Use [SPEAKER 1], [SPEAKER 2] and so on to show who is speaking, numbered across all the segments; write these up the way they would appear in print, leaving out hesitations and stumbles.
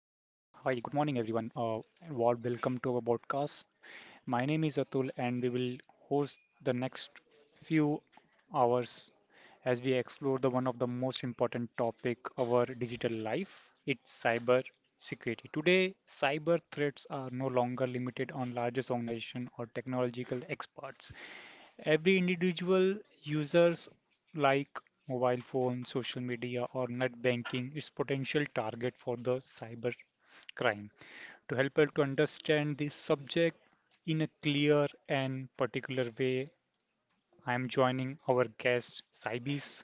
[SPEAKER 1] morning, everyone. Welcome to our podcast. My name is Atul, and we will host the next few hours as we explore the one of the most important topic our digital life. It's cyber security. Today, cyber threats are no longer limited on largest organization or technological experts. Every individual users like mobile phone, social media, or net banking, is potential target for the cyber crime. To help us to understand this subject in a clear and particular way, I am joining our guest Saibis,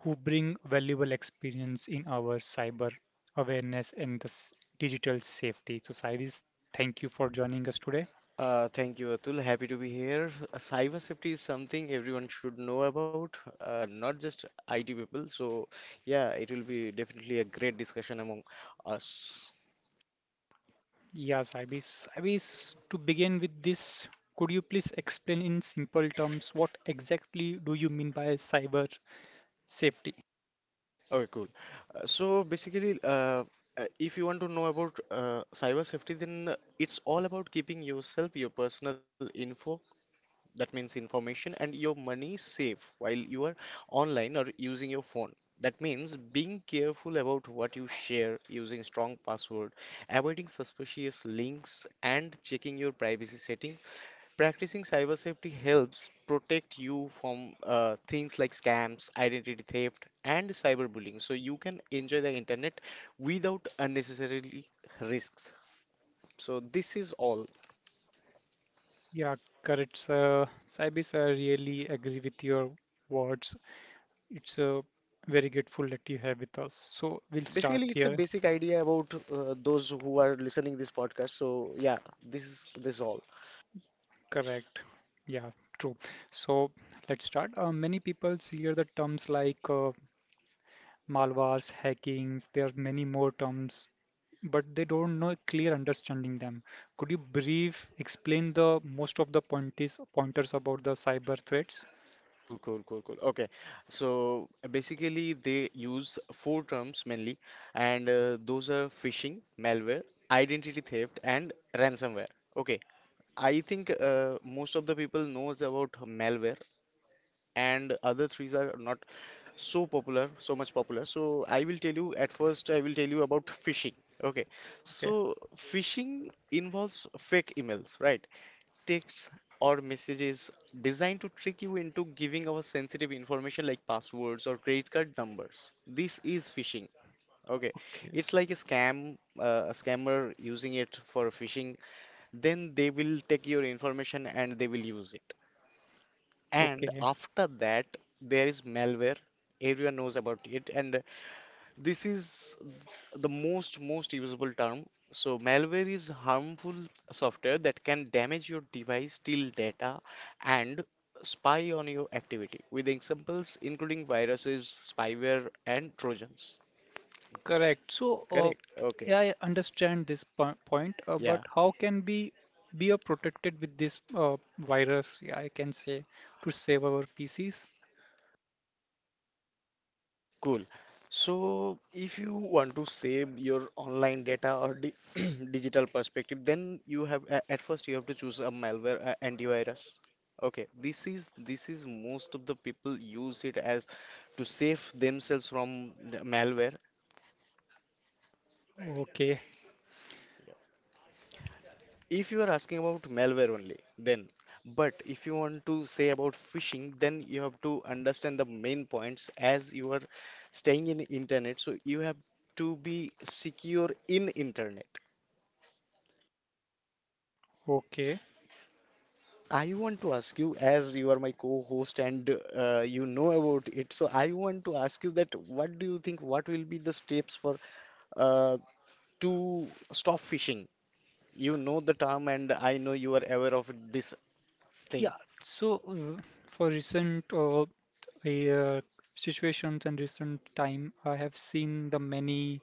[SPEAKER 1] who bring valuable experience in our cyber awareness and digital safety. So, Saibis, thank you for joining us today.
[SPEAKER 2] Thank you, Atul. Happy to be here. Cyber safety is something everyone should know about, not just IT people. So, yeah, it will be definitely a great discussion among us.
[SPEAKER 1] Yeah, Saibis. Saibis, to begin with this, could you please explain in simple terms what exactly do you mean by cyber safety?
[SPEAKER 2] Okay, cool. Basically, if you want to know about cyber safety, then it's all about keeping yourself, your personal info, that means information, and your money safe while you are online or using your phone. That means being careful about what you share, using strong password, avoiding suspicious links, and checking your privacy setting. Practicing cyber safety helps protect you from things like scams, identity theft, and cyberbullying, so you can enjoy the internet without unnecessarily risks. So this is all.
[SPEAKER 1] Yeah, correct, sir. Saibis, I really agree with your words. It's very grateful that you have with us. So we'll start
[SPEAKER 2] Basically, it's a
[SPEAKER 1] here.
[SPEAKER 2] basic idea about those who are listening this podcast. So yeah, this is all.
[SPEAKER 1] Correct. Yeah, true. So let's start. Many people hear the terms like malwares, hackings, there are many more terms, but they don't know clear understanding them. Could you brief explain the most of the pointers about the cyber threats?
[SPEAKER 2] Cool. Okay. So basically, they use four terms mainly, and those are phishing, malware, identity theft, and ransomware. Okay. I think most of the people knows about malware, and other threes are not so popular, so much popular. So I will tell you about phishing. Okay,
[SPEAKER 1] Okay.
[SPEAKER 2] so phishing involves fake emails, right? Texts or messages designed to trick you into giving our sensitive information like passwords or credit card numbers. This is phishing. Okay,
[SPEAKER 1] Okay.
[SPEAKER 2] it's like a scam, a scammer using it for phishing. Then they will take your information and they will use it. And
[SPEAKER 1] Okay.
[SPEAKER 2] after that, there is malware. Everyone knows about it, and this is the most usable term. So malware is harmful software that can damage your device, steal data, and spy on your activity, with examples including viruses, spyware, and trojans.
[SPEAKER 1] Correct.
[SPEAKER 2] Correct, okay,
[SPEAKER 1] Yeah, I understand this po point, but
[SPEAKER 2] yeah.
[SPEAKER 1] how can we be protected with this virus? Yeah, I can say to save our PCs.
[SPEAKER 2] Cool. So, if you want to save your online data or di digital perspective, then you have at first you have to choose a malware antivirus. Okay, this is most of the people use it as to save themselves from the malware.
[SPEAKER 1] Okay.
[SPEAKER 2] If you are asking about malware only, then. But if you want to say about phishing, then you have to understand the main points. As you are staying in internet, so you have to be secure in internet.
[SPEAKER 1] Okay.
[SPEAKER 2] So I want to ask you, as you are my co-host and you know about it, so I want to ask you that what do you think, what will be the steps for uh, to stop fishing? You know the term, and I know you are aware of this thing.
[SPEAKER 1] Yeah, so uh, for recent uh, situations and recent time, I have seen the many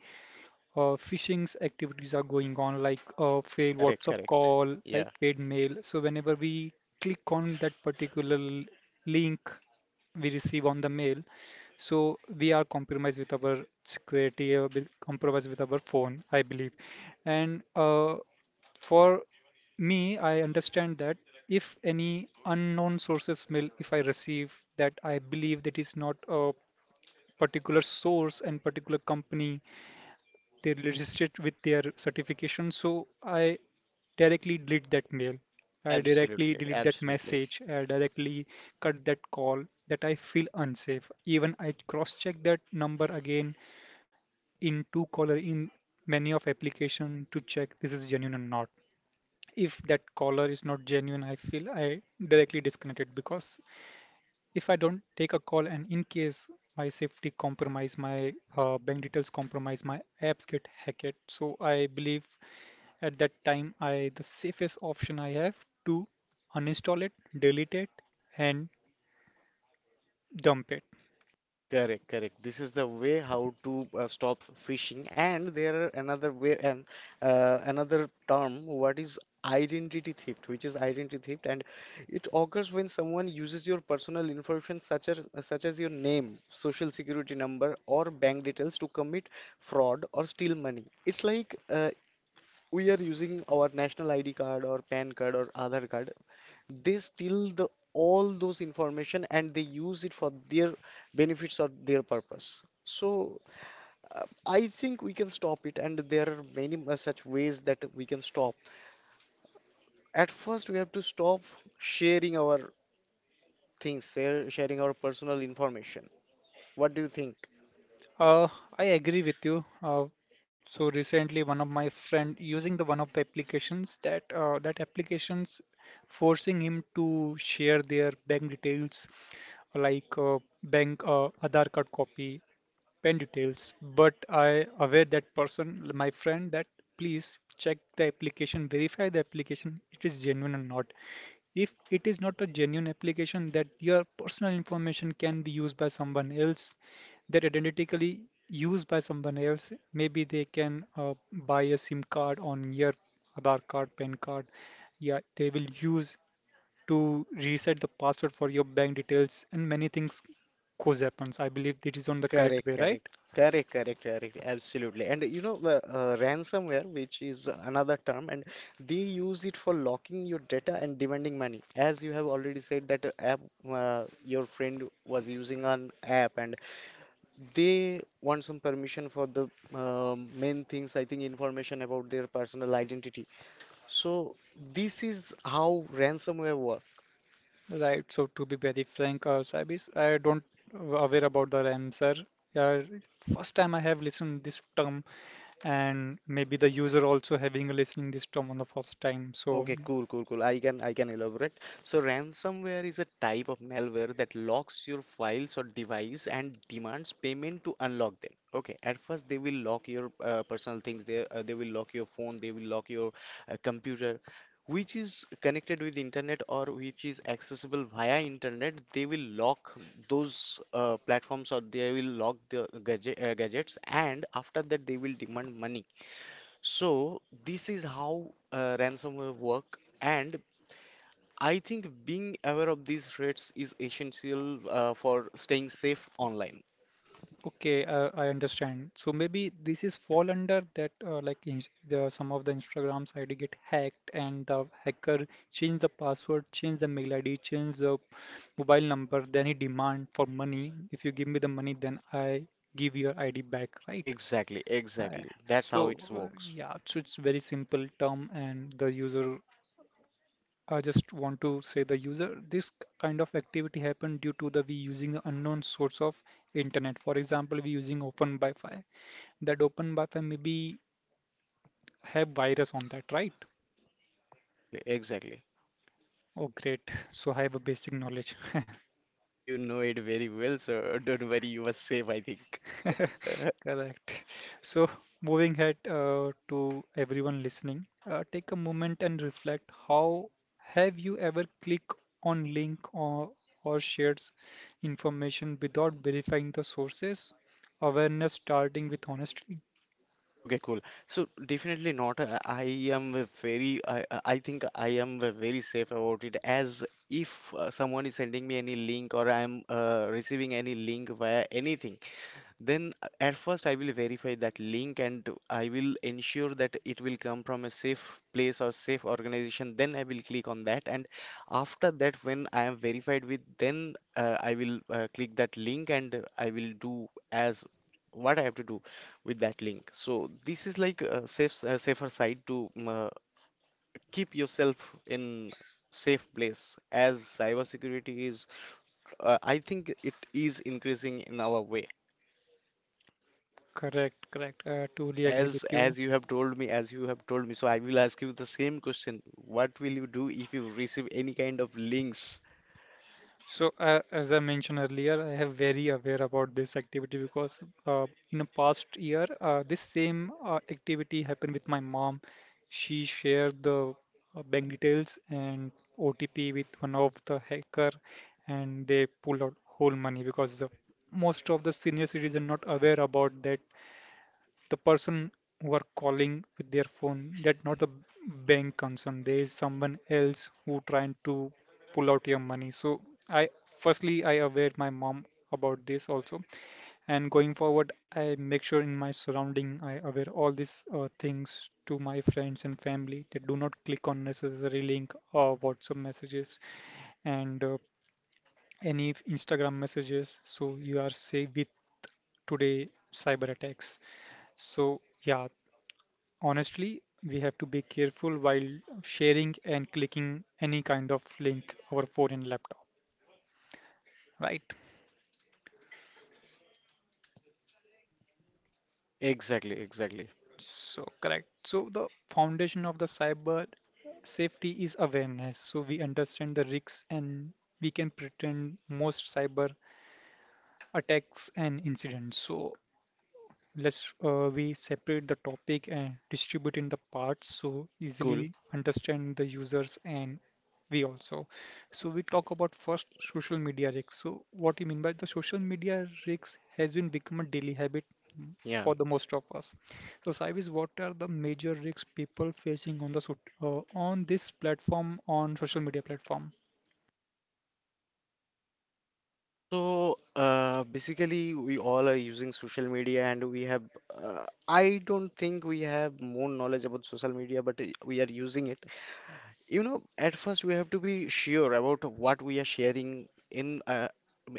[SPEAKER 1] phishing activities are going on, like a failed
[SPEAKER 2] Correct,
[SPEAKER 1] WhatsApp
[SPEAKER 2] correct.
[SPEAKER 1] call, like
[SPEAKER 2] Yeah.
[SPEAKER 1] paid mail. So whenever we click on that particular link we receive on the mail, so we are compromised with our security, compromised with our phone, I believe. And for me, I understand that if any unknown sources mail, if I receive that I believe that is not a particular source and particular company they registered with their certification. So I directly delete that mail. I directly
[SPEAKER 2] Absolutely,
[SPEAKER 1] delete that
[SPEAKER 2] absolutely.
[SPEAKER 1] message. I directly cut that call that I feel unsafe. Even I cross-check that number again in two caller in many of application to check this is genuine or not. If that caller is not genuine, I feel I directly disconnect it because if I don't take a call and in case my safety compromise, my bank details compromise, my apps get hacked. So I believe at that time I the safest option I have to uninstall it, delete it, and dump it.
[SPEAKER 2] Correct, correct. This is the way how to stop phishing, and there are another way and another term, what is identity theft, which is identity theft, and it occurs when someone uses your personal information, such as your name, social security number, or bank details to commit fraud or steal money. It's like we are using our national ID card or PAN card or Aadhaar card, they steal the all those information and they use it for their benefits or their purpose. So I think we can stop it, and there are many such ways that we can stop. At first, we have to stop sharing our things, sharing our personal information. What do you think?
[SPEAKER 1] Uh, I agree with you. So recently, one of my friend using the one of the applications that that applications forcing him to share their bank details like bank Aadhaar card copy pen details, but I aware that person, my friend, that please check the application, verify the application, it is genuine or not. If it is not a genuine application that your personal information can be used by someone else, that identically used by someone else, maybe they can buy a SIM card on your Aadhaar card, PAN card. Yeah, they will use to reset the password for your bank details and many things goes happens. I believe it is on the correct
[SPEAKER 2] Correct,
[SPEAKER 1] way, right?
[SPEAKER 2] correct, correct, absolutely. And you know, the ransomware, which is another term, and they use it for locking your data and demanding money. As you have already said, that app, your friend was using an app, and they want some permission for the main things, I think, information about their personal identity. So this is how ransomware works.
[SPEAKER 1] Right. So to be very frank, Saib is I don't aware about the Ramsar. Yeah, first time I have listened this term, and maybe the user also having a listening this term on the first time. So
[SPEAKER 2] Okay, cool. I can elaborate. So ransomware is a type of malware that locks your files or device and demands payment to unlock them. Okay, at first they will lock your personal things. They will lock your phone. They will lock your computer, which is connected with internet or which is accessible via internet. They will lock those platforms, or they will lock the gadget, gadgets, and after that they will demand money. So this is how ransomware work, and I think being aware of these threats is essential for staying safe online.
[SPEAKER 1] okay, I understand. So maybe this is fall under that some of the Instagram's ID get hacked, and the hacker change the password, change the mail ID, change the mobile number, then he demand for money. If you give me the money, then I give your ID back, right?
[SPEAKER 2] Exactly,
[SPEAKER 1] I-
[SPEAKER 2] exactly. That's
[SPEAKER 1] So,
[SPEAKER 2] how it works.
[SPEAKER 1] yeah, so it's very simple term, and the user, I just want to say the user, this kind of activity happened due to the we using an unknown source of internet. For example, we using open Wi-Fi. That open Wi-Fi maybe have virus on that, right?
[SPEAKER 2] Exactly, exactly.
[SPEAKER 1] Oh, great. So I have a basic knowledge.
[SPEAKER 2] You know it very well, so don't worry, you are safe, I think.
[SPEAKER 1] Correct. So, moving ahead to everyone listening, take a moment and reflect. How have you ever clicked on link or shared information without verifying the sources? Awareness starting with honesty.
[SPEAKER 2] Okay, cool. So definitely not. I am a very. I think I am a very safe about it. As if someone is sending me any link or I am receiving any link via anything. Then at first I will verify that link and I will ensure that it will come from a safe place or safe organization. Then I will click on that. And after that, when I am verified with, then I will click that link and I will do as what I have to do with that link. So this is like a safe, a safer side to keep yourself in safe place, as cybersecurity is, I think it is increasing in our way.
[SPEAKER 1] Correct, correct.
[SPEAKER 2] So
[SPEAKER 1] Totally agree with
[SPEAKER 2] as
[SPEAKER 1] you.
[SPEAKER 2] as you have told me, so I will ask you the same question. What will you do if you receive any kind of links?
[SPEAKER 1] So, as I mentioned earlier, I have very aware about this activity because in the past year, this same activity happened with my mom. She shared the bank details and OTP with one of the hacker, and they pulled out whole money because the most of the senior citizen not aware about that the person who are calling with their phone that not the bank concern there is someone else who trying to pull out your money. So I firstly I aware my mom about this also, and going forward I make sure in my surrounding I aware all these things to my friends and family they do not click on necessary link or WhatsApp messages and any Instagram messages so you are safe with today cyber attacks. So yeah, honestly, we have to be careful while sharing and clicking any kind of link over phone and laptop, right?
[SPEAKER 2] Exactly, exactly.
[SPEAKER 1] So, correct. So, the foundation of the cyber safety is awareness. So, we understand the risks and we can pretend most cyber attacks and incidents. So, let's we separate the topic and distribute in the parts so
[SPEAKER 2] Cool.
[SPEAKER 1] easily understand the users and we also so we talk about first social media risks. So what you mean by the social media risks has been become a daily habit
[SPEAKER 2] Yeah.
[SPEAKER 1] for the most of us. So Saivis, what are the major risks people facing on on this platform on social media platform?
[SPEAKER 2] So basically, we all are using social media, and we have. Uh, I don't think we have more knowledge about social media, but we are using it. You know, at first we have to be sure about what we are sharing in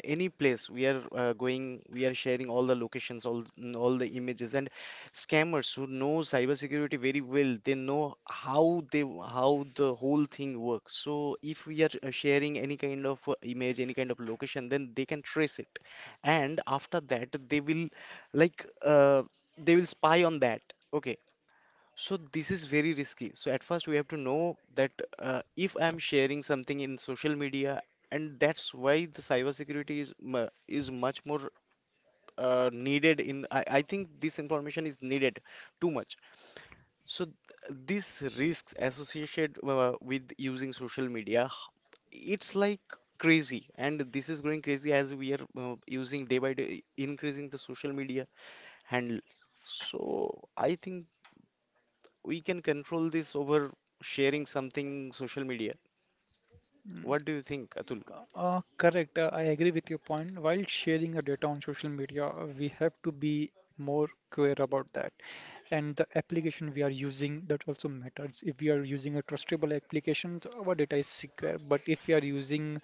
[SPEAKER 2] any place we are going. We are sharing all the locations, all the images, and scammers who know cybersecurity very well, they know how the whole thing works. So if we are sharing any kind of image, any kind of location, then they can trace it, and after that they will like uh, they will spy on that. Okay, so this is very risky. So at first we have to know that if I'm sharing something in social media, and that's why the cybersecurity is is much more needed in. I think this information is needed too much. So these risks associated with using social media, it's like crazy, and this is going crazy as we are using day by day, increasing the social media handle. So I think we can control this over sharing something social media. What do you think, Atul?
[SPEAKER 1] Correct. I agree with your point. While sharing our data on social media, we have to be more aware about that. And the application we are using, that also matters. If we are using a trustable application, so our data is secure. But if we are using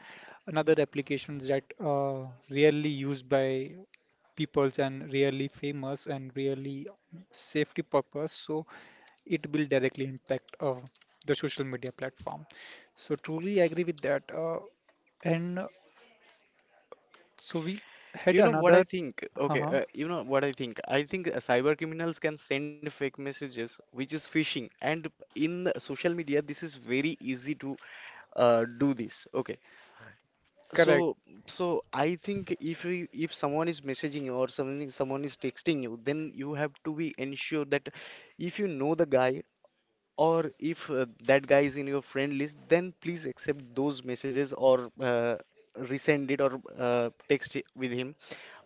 [SPEAKER 1] another applications that are rarely used by peoples and rarely famous and rarely safety purpose, so it will directly impact the social media platform. So truly I agree with that. And so we had
[SPEAKER 2] You know what I
[SPEAKER 1] another,
[SPEAKER 2] think? Okay,
[SPEAKER 1] uh-huh,
[SPEAKER 2] you know what I think? I think cyber criminals can send fake messages, which is phishing, and in social media, this is very easy to do this. Okay,
[SPEAKER 1] correct.
[SPEAKER 2] so so I think if you, if someone is messaging you or someone is texting you, then you have to be ensure that if you know the guy or if that guy is in your friend list, then please accept those messages or resend it or text it with him.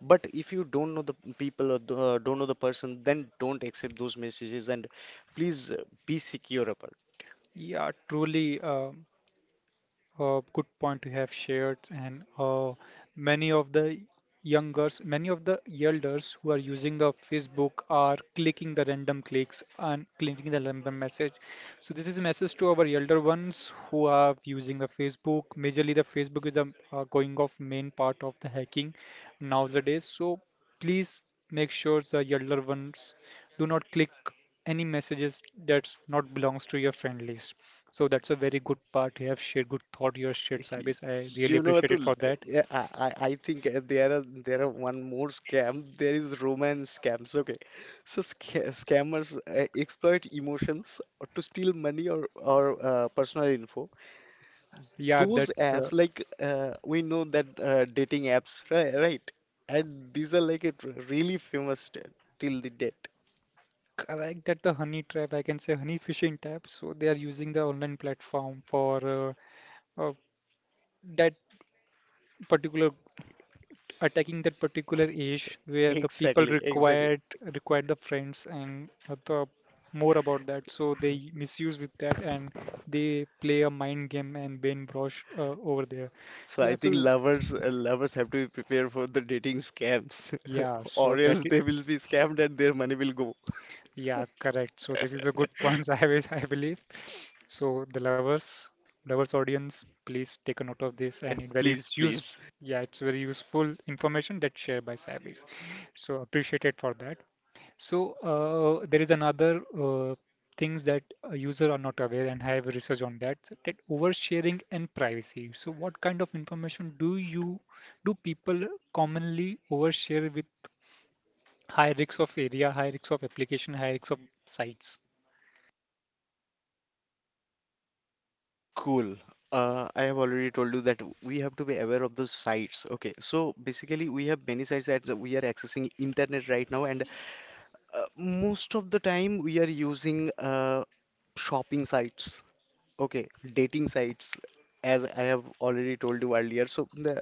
[SPEAKER 2] But if you don't know the people or don't know the person, then don't accept those messages and please be secure about
[SPEAKER 1] Yeah, truly. Good point you have shared, and many of the youngers, many of the elders who are using the Facebook are clicking the random clicks and clicking the random message. So this is a message to our elder ones who are using the Facebook. Majorly, the Facebook is the going off main part of the hacking nowadays. So please make sure the elder ones do not click any messages that not belongs to your friend list. So that's a very good part. You have shared good thought. You have shared,
[SPEAKER 2] it.
[SPEAKER 1] Saibis. I really
[SPEAKER 2] You know,
[SPEAKER 1] appreciate it
[SPEAKER 2] Atul,
[SPEAKER 1] for that.
[SPEAKER 2] yeah, I think there are one more scam. There is romance scams. Okay, so scammers exploit emotions to steal money or personal info.
[SPEAKER 1] Yeah,
[SPEAKER 2] Those
[SPEAKER 1] that's
[SPEAKER 2] apps like we know that dating apps, right, right? And these are like it really famous till the date.
[SPEAKER 1] correct. That the honey trap, I can say honey fishing trap. So they are using the online platform for uh, uh, that particular attacking that particular age where the people
[SPEAKER 2] Exactly, exactly.
[SPEAKER 1] required the friends and the more about that. So they misuse with that and they play a mind game and brainwash over there.
[SPEAKER 2] So
[SPEAKER 1] Yeah.
[SPEAKER 2] I think
[SPEAKER 1] So
[SPEAKER 2] lovers, lovers have to be prepared for the dating scams.
[SPEAKER 1] yeah. So
[SPEAKER 2] Or
[SPEAKER 1] that.
[SPEAKER 2] else they will be scammed and their money will go.
[SPEAKER 1] Yeah, correct. So this is a good point, I believe. So the lovers, lovers audience, please take a note of this, and it very
[SPEAKER 2] Please,
[SPEAKER 1] it's use.
[SPEAKER 2] please.
[SPEAKER 1] Yeah, it's very useful information that's shared by Sabis. So appreciate it for that. So there is another things that a user are not aware, and I have research on that. That oversharing and privacy. So what kind of information do you do people commonly overshare with high risks of area, high risks of application, high risks of sites?
[SPEAKER 2] Cool. I have already told you that we have to be aware of the sites. Okay, so basically we have many sites that we are accessing internet right now, and most of the time we are using shopping sites, okay, dating sites, as I have already told you earlier. So the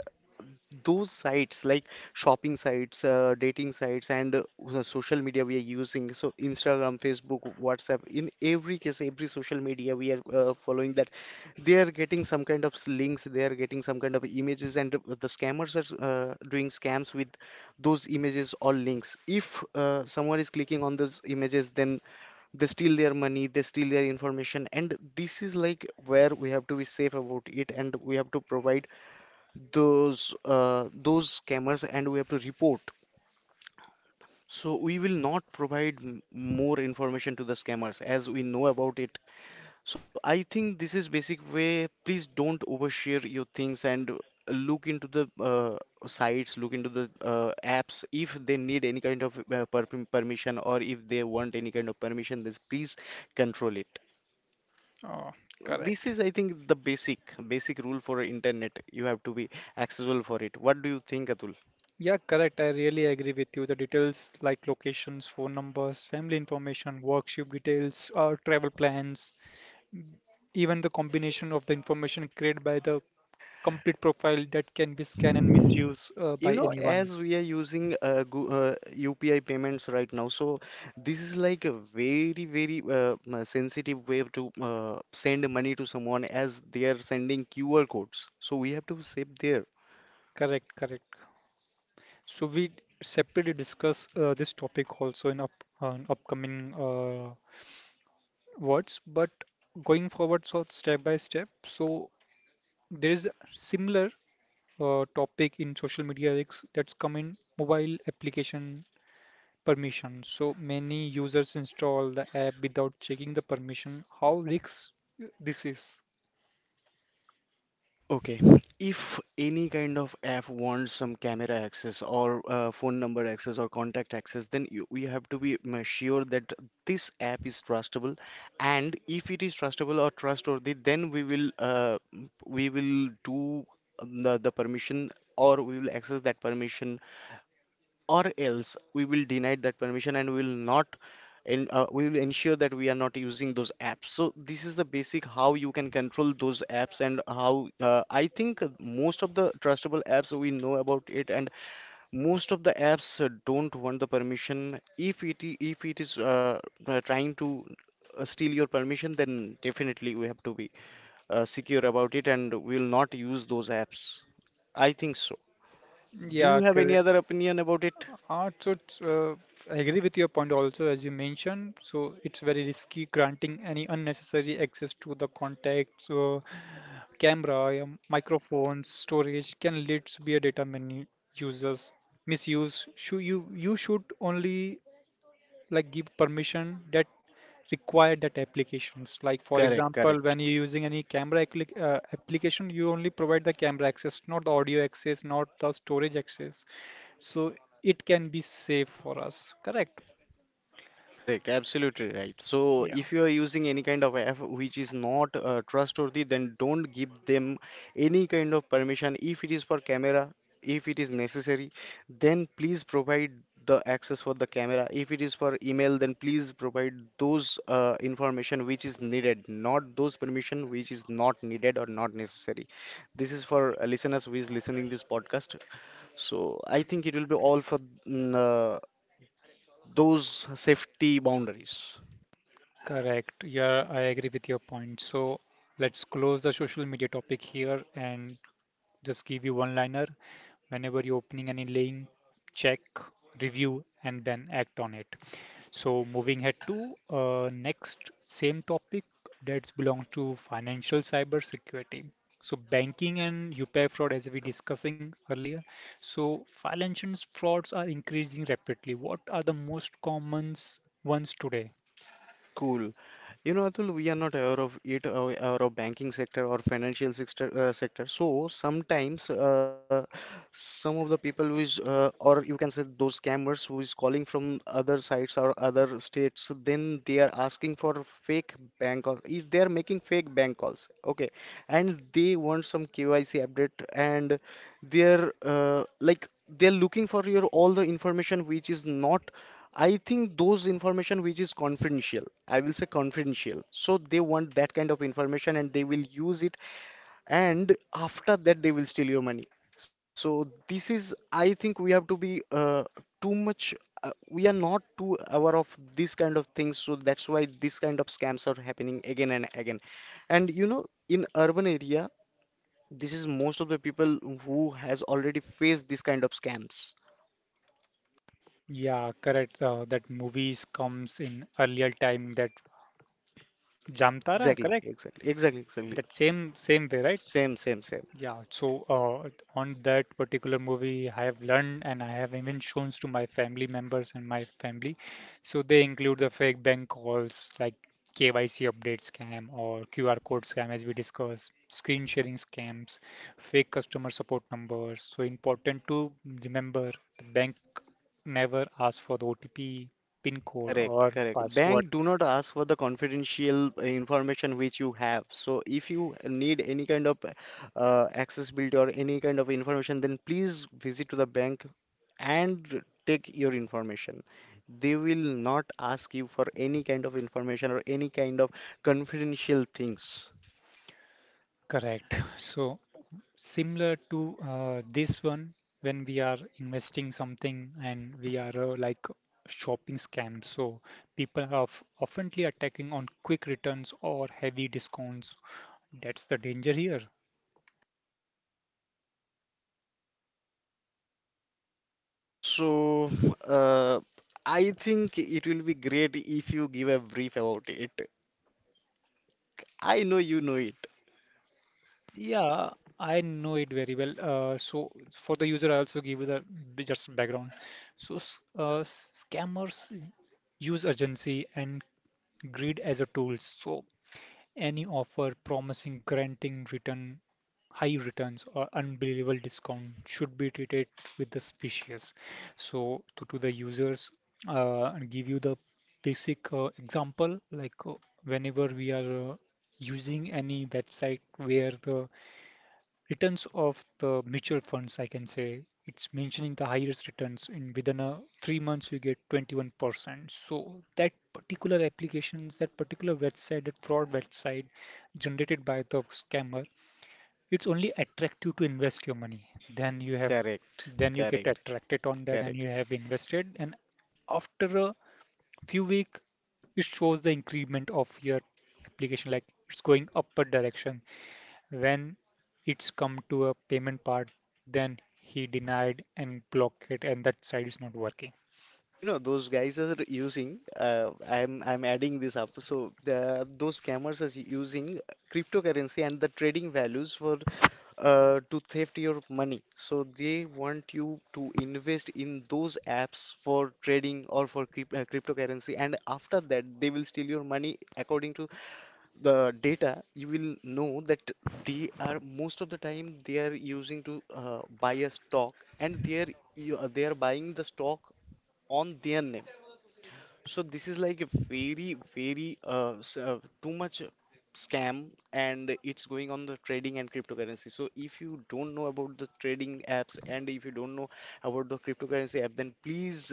[SPEAKER 2] those sites like shopping sites, dating sites, and the social media we are using, so Instagram, Facebook, WhatsApp, in every case, every social media we are following that, they are getting some kind of links, they are getting some kind of images, and the scammers are doing scams with those images or links. If someone is clicking on those images, then they steal their money, they steal their information, and this is like where we have to be safe about it, and we have to provide those scammers, and we have to report. So we will not provide more information to the scammers as we know about it. So I think this is basic way. Please don't overshare your things and look into the sites, look into the apps. If they need any kind of permission or if they want any kind of permission, this please control it.
[SPEAKER 1] Oh,
[SPEAKER 2] This
[SPEAKER 1] correct.
[SPEAKER 2] is I think the basic rule for internet. You have to be accessible for it. What do you think, Atul?
[SPEAKER 1] Yeah, correct. I really agree with you. The details like locations, phone numbers, family information, workshop details, or travel plans, even the combination of the information created by the complete profile that can be scanned and misused by
[SPEAKER 2] You know,
[SPEAKER 1] anyone.
[SPEAKER 2] as we are using UPI payments right now, so this is like a very very sensitive way to send money to someone, as they are sending QR codes, so we have to save there.
[SPEAKER 1] Correct, correct. So we separately discuss this topic also in upcoming words, but going forward, so step by step. So there is similar topic in social media is that's come in mobile application permission. So many users install the app without checking the permission. How risks this is?
[SPEAKER 2] Okay, if any kind of app wants some camera access or phone number access or contact access, then we have to be sure that this app is trustable. And if it is trustable or trustworthy, then we will do the permission, or we will access that permission, or else we will deny that permission and we will not. And we will ensure that we are not using those apps. So this is the basic how you can control those apps. And how, I think most of the trustable apps we know about it, and most of the apps don't want the permission. If if it is trying to steal your permission, then definitely we have to be secure about it, and we'll not use those apps, I think so. Do you
[SPEAKER 1] Yeah,
[SPEAKER 2] have any
[SPEAKER 1] correct.
[SPEAKER 2] other opinion about it?
[SPEAKER 1] Uh, so it's, uh, I agree with your point also, as you mentioned. So it's very risky granting any unnecessary access to the contacts, camera, microphones, storage can lead to be a data many users misuse. Should you you should only like give permission that require that applications, like for
[SPEAKER 2] Correct,
[SPEAKER 1] example
[SPEAKER 2] correct.
[SPEAKER 1] when you're using any camera application you only provide the camera access, not the audio access, not the storage access, so it can be safe for us, correct?
[SPEAKER 2] Correct, absolutely right. So,
[SPEAKER 1] Yeah.
[SPEAKER 2] if you are using any kind of app which is not trustworthy, then don't give them any kind of permission. If it is for camera, if it is necessary, then please provide the access for the camera. If it is for email, then please provide those information which is needed, not those permission which is not needed or not necessary. This is for listeners who is listening this podcast. So, I think it will be all for mm, uh, those safety boundaries.
[SPEAKER 1] Correct yeah I agree with your point. So let's close the social media topic here and just give you one liner. Whenever you're opening any link, check, review, and then act on it. So moving ahead to next same topic that belongs to financial cyber security. So banking and UPI fraud, as we discussing earlier. So financial frauds are increasing rapidly. What are the most common ones today?
[SPEAKER 2] Cool. You know, Atul, we are not aware of it, aware of banking sector or financial sector. So sometimes, some of the people who is, or you can say those scammers who is calling from other sites or other states, then they are asking for fake bank calls. Is they are making fake bank calls, okay? And they want some KYC update, and they're uh, like they're looking for your all the information which is not. I think those information which is confidential, I will say confidential. So they want that kind of information and they will use it, and after that they will steal your money. So this is, I think we have to be too much we are not too aware of this kind of things, so that's why this kind of scams are happening again and again. And you know, in urban area, this is most of the people who has already faced this kind of scams.
[SPEAKER 1] Yeah, correct. That movies comes in earlier time, that Jamtara,
[SPEAKER 2] Exactly,
[SPEAKER 1] correct?
[SPEAKER 2] exactly, exactly, exactly.
[SPEAKER 1] That same way, right?
[SPEAKER 2] Same, same, same.
[SPEAKER 1] Yeah, so on that particular movie, I have learned and I have even shown to my family members and my family. So they include the fake bank calls like KYC update scam or QR code scam, as we discussed, screen sharing scams, fake customer support numbers. So important to remember, the bank never asks for the OTP, PIN code,
[SPEAKER 2] Correct,
[SPEAKER 1] or
[SPEAKER 2] correct.
[SPEAKER 1] password.
[SPEAKER 2] Bank do not ask for the confidential information which you have. So if you need any kind of accessibility or any kind of information, then please visit to the bank and take your information. They will not ask you for any kind of information or any kind of confidential things.
[SPEAKER 1] Correct. So similar to this one, when we are investing something and we are like shopping scam. So people are oftenly attacking on quick returns or heavy discounts. That's the danger here.
[SPEAKER 2] So uh, I think it will be great if you give a brief about it. I know you know it.
[SPEAKER 1] Yeah, I know it very well. So for the user, I also give you the just background. So scammers use urgency and greed as a tools. So any offer promising granting return, high returns or unbelievable discount should be treated with the species. So to the users, and give you the basic example, like whenever we are using any website where the returns of the mutual funds, I can say, it's mentioning the highest returns in within a 3 months you get 21%. So that particular applications, that particular website, that fraud website generated by the scammer, it's only attractive to invest your money. Then you have,
[SPEAKER 2] Correct,
[SPEAKER 1] then you get
[SPEAKER 2] correct,
[SPEAKER 1] attracted on that and
[SPEAKER 2] correct.
[SPEAKER 1] you have invested. And after a few week, it shows the increment of your application, like it's going upward direction. When it's come to a payment part, then he denied and blocked it, and that side is not working.
[SPEAKER 2] You know, those guys are using, uh, I'm adding this up. So those scammers are using cryptocurrency and the trading values for to theft your money. So they want you to invest in those apps for trading or for cryptocurrency, and after that they will steal your money. According to the data, you will know that they are most of the time they are using to buy a stock, and they are buying the stock on their name. So this is like a very, very too much scam, and it's going on the trading and cryptocurrency. So if you don't know about the trading apps, and if you don't know about the cryptocurrency app, then please,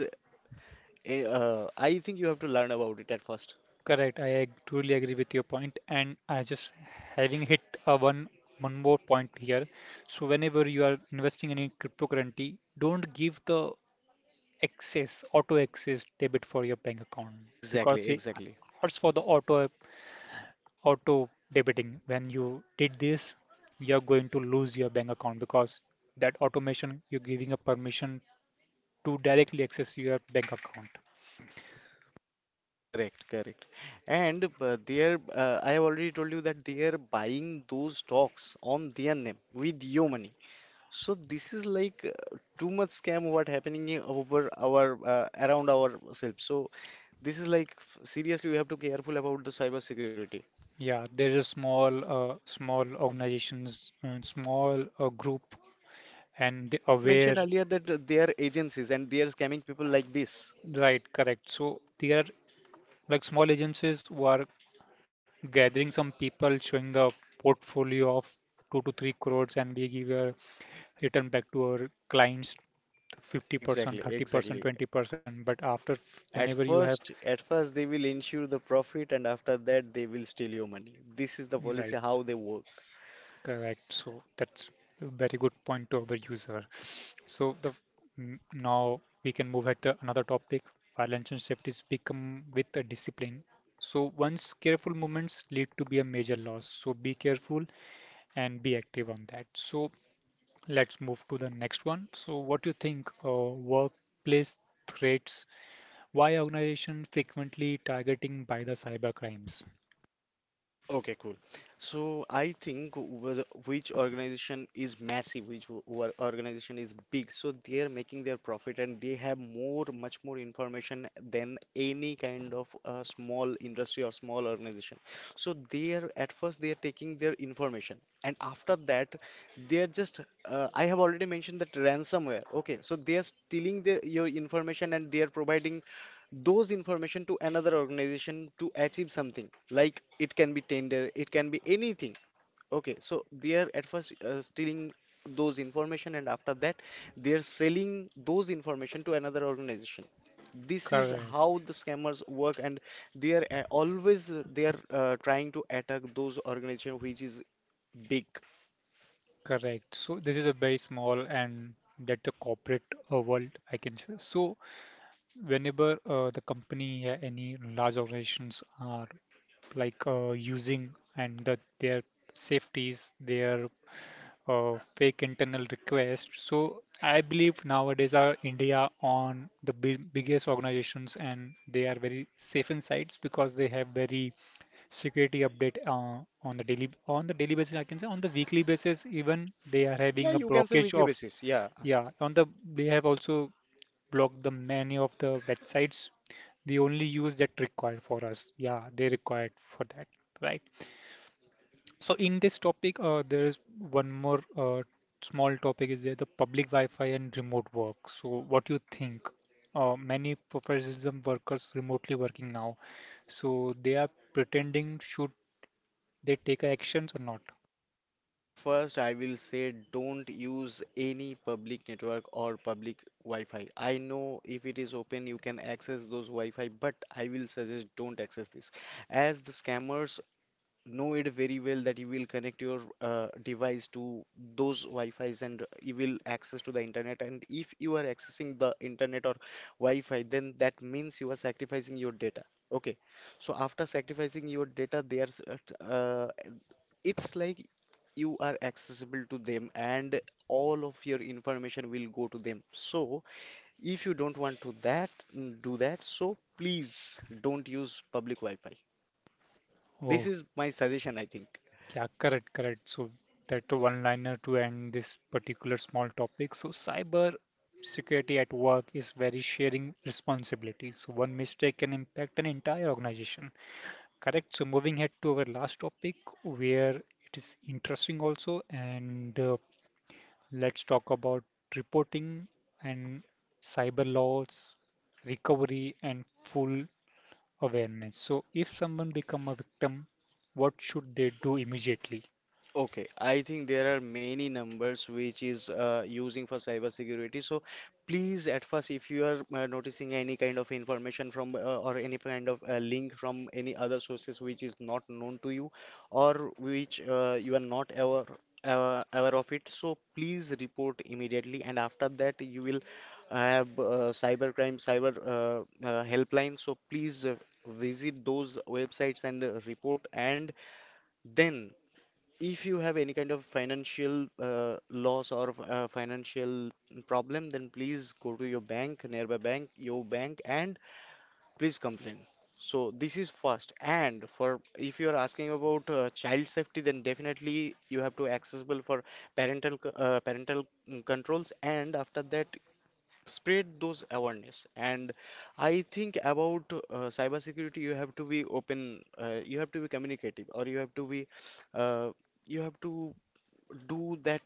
[SPEAKER 2] I think you have to learn about it at first.
[SPEAKER 1] Correct. Truly agree with your point, and I just having hit a one more point here. So whenever you are investing in a cryptocurrency, don't give the access auto access debit for your bank account
[SPEAKER 2] Exactly,
[SPEAKER 1] because it
[SPEAKER 2] exactly.
[SPEAKER 1] asks for the auto debiting. When you did this, you're going to lose your bank account, because that automation, you're giving a permission to directly access your bank account.
[SPEAKER 2] Correct, correct. And they are, I have already told you that they are buying those stocks on their name with your money. So this is like too much scam what happening in over our around ourselves. So this is like seriously we have to careful about the cyber security.
[SPEAKER 1] Yeah, there is a small small organizations and small group, and they
[SPEAKER 2] You have mentioned
[SPEAKER 1] aware.
[SPEAKER 2] earlier that they are agencies and they are scamming people like this.
[SPEAKER 1] Right, correct. So there are like small agencies who are gathering some people, showing the portfolio of two to three crores, and we give a return back to our clients:
[SPEAKER 2] Exactly,
[SPEAKER 1] 50%, 30%,
[SPEAKER 2] exactly.
[SPEAKER 1] 20%. But after, whenever you have,
[SPEAKER 2] At first they will ensure the profit and after that they will steal your money. This is the policy
[SPEAKER 1] right,
[SPEAKER 2] how they work.
[SPEAKER 1] correct. So that's a very good point to our user. So now we can move at the another topic. Violence and safety become with a discipline. So once careful movements lead to be a major loss. So be careful and be active on that. So let's move to the next one. So what do you think? Workplace threats. Why organization frequently targeting by the cyber crimes?
[SPEAKER 2] Okay, cool. So I think which organization is massive, which organization is big, so they are making their profit and they have much more information than any kind of small industry or small organization. So they are at first they are taking their information, and after that they are just. I have already mentioned that ransomware. Okay, so they are stealing your information and they are providing those information to another organization to achieve something, like it can be tender, it can be anything. Okay, so they are at first stealing those information, and after that they are selling those information to another organization. This is
[SPEAKER 1] Correct,
[SPEAKER 2] how the scammers work. And they are always they are trying to attack those organization which is big.
[SPEAKER 1] correct. So this is a very small and that the corporate world, I can say. So whenever the company any large organizations are like using and that their safeties, their fake internal request. So I believe nowadays are India on the biggest organizations, and they are very safe in sites because they have very security update on the daily basis. I can say on the weekly basis, even they are
[SPEAKER 2] Yeah,
[SPEAKER 1] having a
[SPEAKER 2] you can say
[SPEAKER 1] blockage
[SPEAKER 2] weekly
[SPEAKER 1] of,
[SPEAKER 2] basis, yeah.
[SPEAKER 1] yeah, on the, they have also blocked the many of the websites. They only use that required for us. Yeah, they required for that. Right. So in this topic, there is one more small topic is there: the public wi-fi and remote work. So what do you think? Many professionalism workers remotely working now, so they are pretending, should they take actions or not?
[SPEAKER 2] At first, I will say don't use any public network or public Wi-Fi. I know if it is open, you can access those Wi-Fi, but I will suggest don't access this, as the scammers know it very well that you will connect your device to those Wi-Fis and you will access to the internet. And if you are accessing the internet or Wi-Fi, then that means you are sacrificing your data. Okay, so after sacrificing your data, uh, it's like you are accessible to them, and all of your information will go to them. So if you don't want to that, do that, so please don't use public Wi-Fi. This
[SPEAKER 1] Oh,
[SPEAKER 2] is my suggestion, I think.
[SPEAKER 1] yeah, correct, correct. So that one liner to end this particular small topic. So cyber security at work is very sharing responsibility. So one mistake can impact an entire organization. Correct. So moving ahead to our last topic, where it is interesting also, and let's talk about reporting and cyber laws, recovery and full awareness. So if someone become a victim, what should they do immediately?
[SPEAKER 2] Okay, I think there are many numbers which is using for cybersecurity. So please, at first, if you are noticing any kind of information from or any kind of link from any other sources which is not known to you, or which you are not aware of it, so please report immediately. And after that, you will have cyber crime, cyber helpline. So please visit those websites and report and. Then if you have any kind of financial loss or financial problem, then please go to your bank, nearby bank, your bank, and please complain. So this is first. And for if you are asking about child safety, then definitely you have to accessible for parental controls, and after that spread those awareness. And I think about cybersecurity, you have to be open, you have to be communicative, or you have to be uh, you have to do that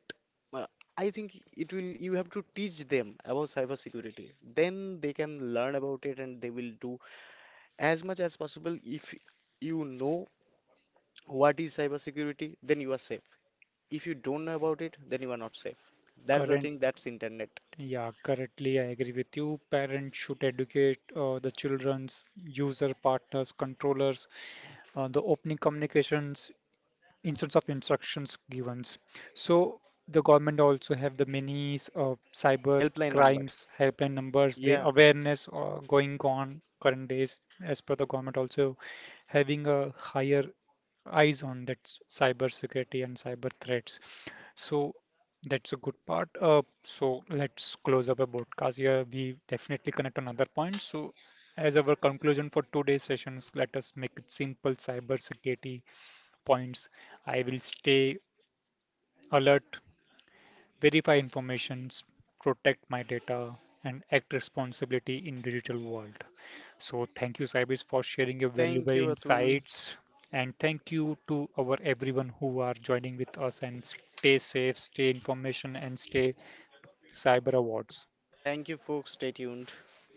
[SPEAKER 2] uh, I think it will you have to teach them about cybersecurity. Then they can learn about it and they will do as much as possible. If you know what is cybersecurity, then you are safe. If you don't know about it, then you are not safe. That's the
[SPEAKER 1] Current,
[SPEAKER 2] thing, that's internet.
[SPEAKER 1] yeah, currently, I agree with you. Parents should educate the children's user partners, controllers, the opening communications instead of instructions given. So the government also have the many cyber
[SPEAKER 2] Helpline number.
[SPEAKER 1] crimes helpline numbers. The
[SPEAKER 2] Yeah.
[SPEAKER 1] awareness going on current days, as per the government also having a higher eyes on that cyber security and cyber threats. So that's a good part. So let's close up a broadcast here. We definitely connect on other points. So as our conclusion for today's sessions, let us make it simple cyber security points. I will stay alert, verify informations, protect my data, and act responsibility in digital world. So thank you, Saibis, for sharing your valuable
[SPEAKER 2] Thank you, Atul.
[SPEAKER 1] insights. And thank you to our everyone who are joining with us, and stay safe, stay information and stay cyber awards.
[SPEAKER 2] Thank you, folks. Stay tuned.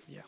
[SPEAKER 1] Yeah.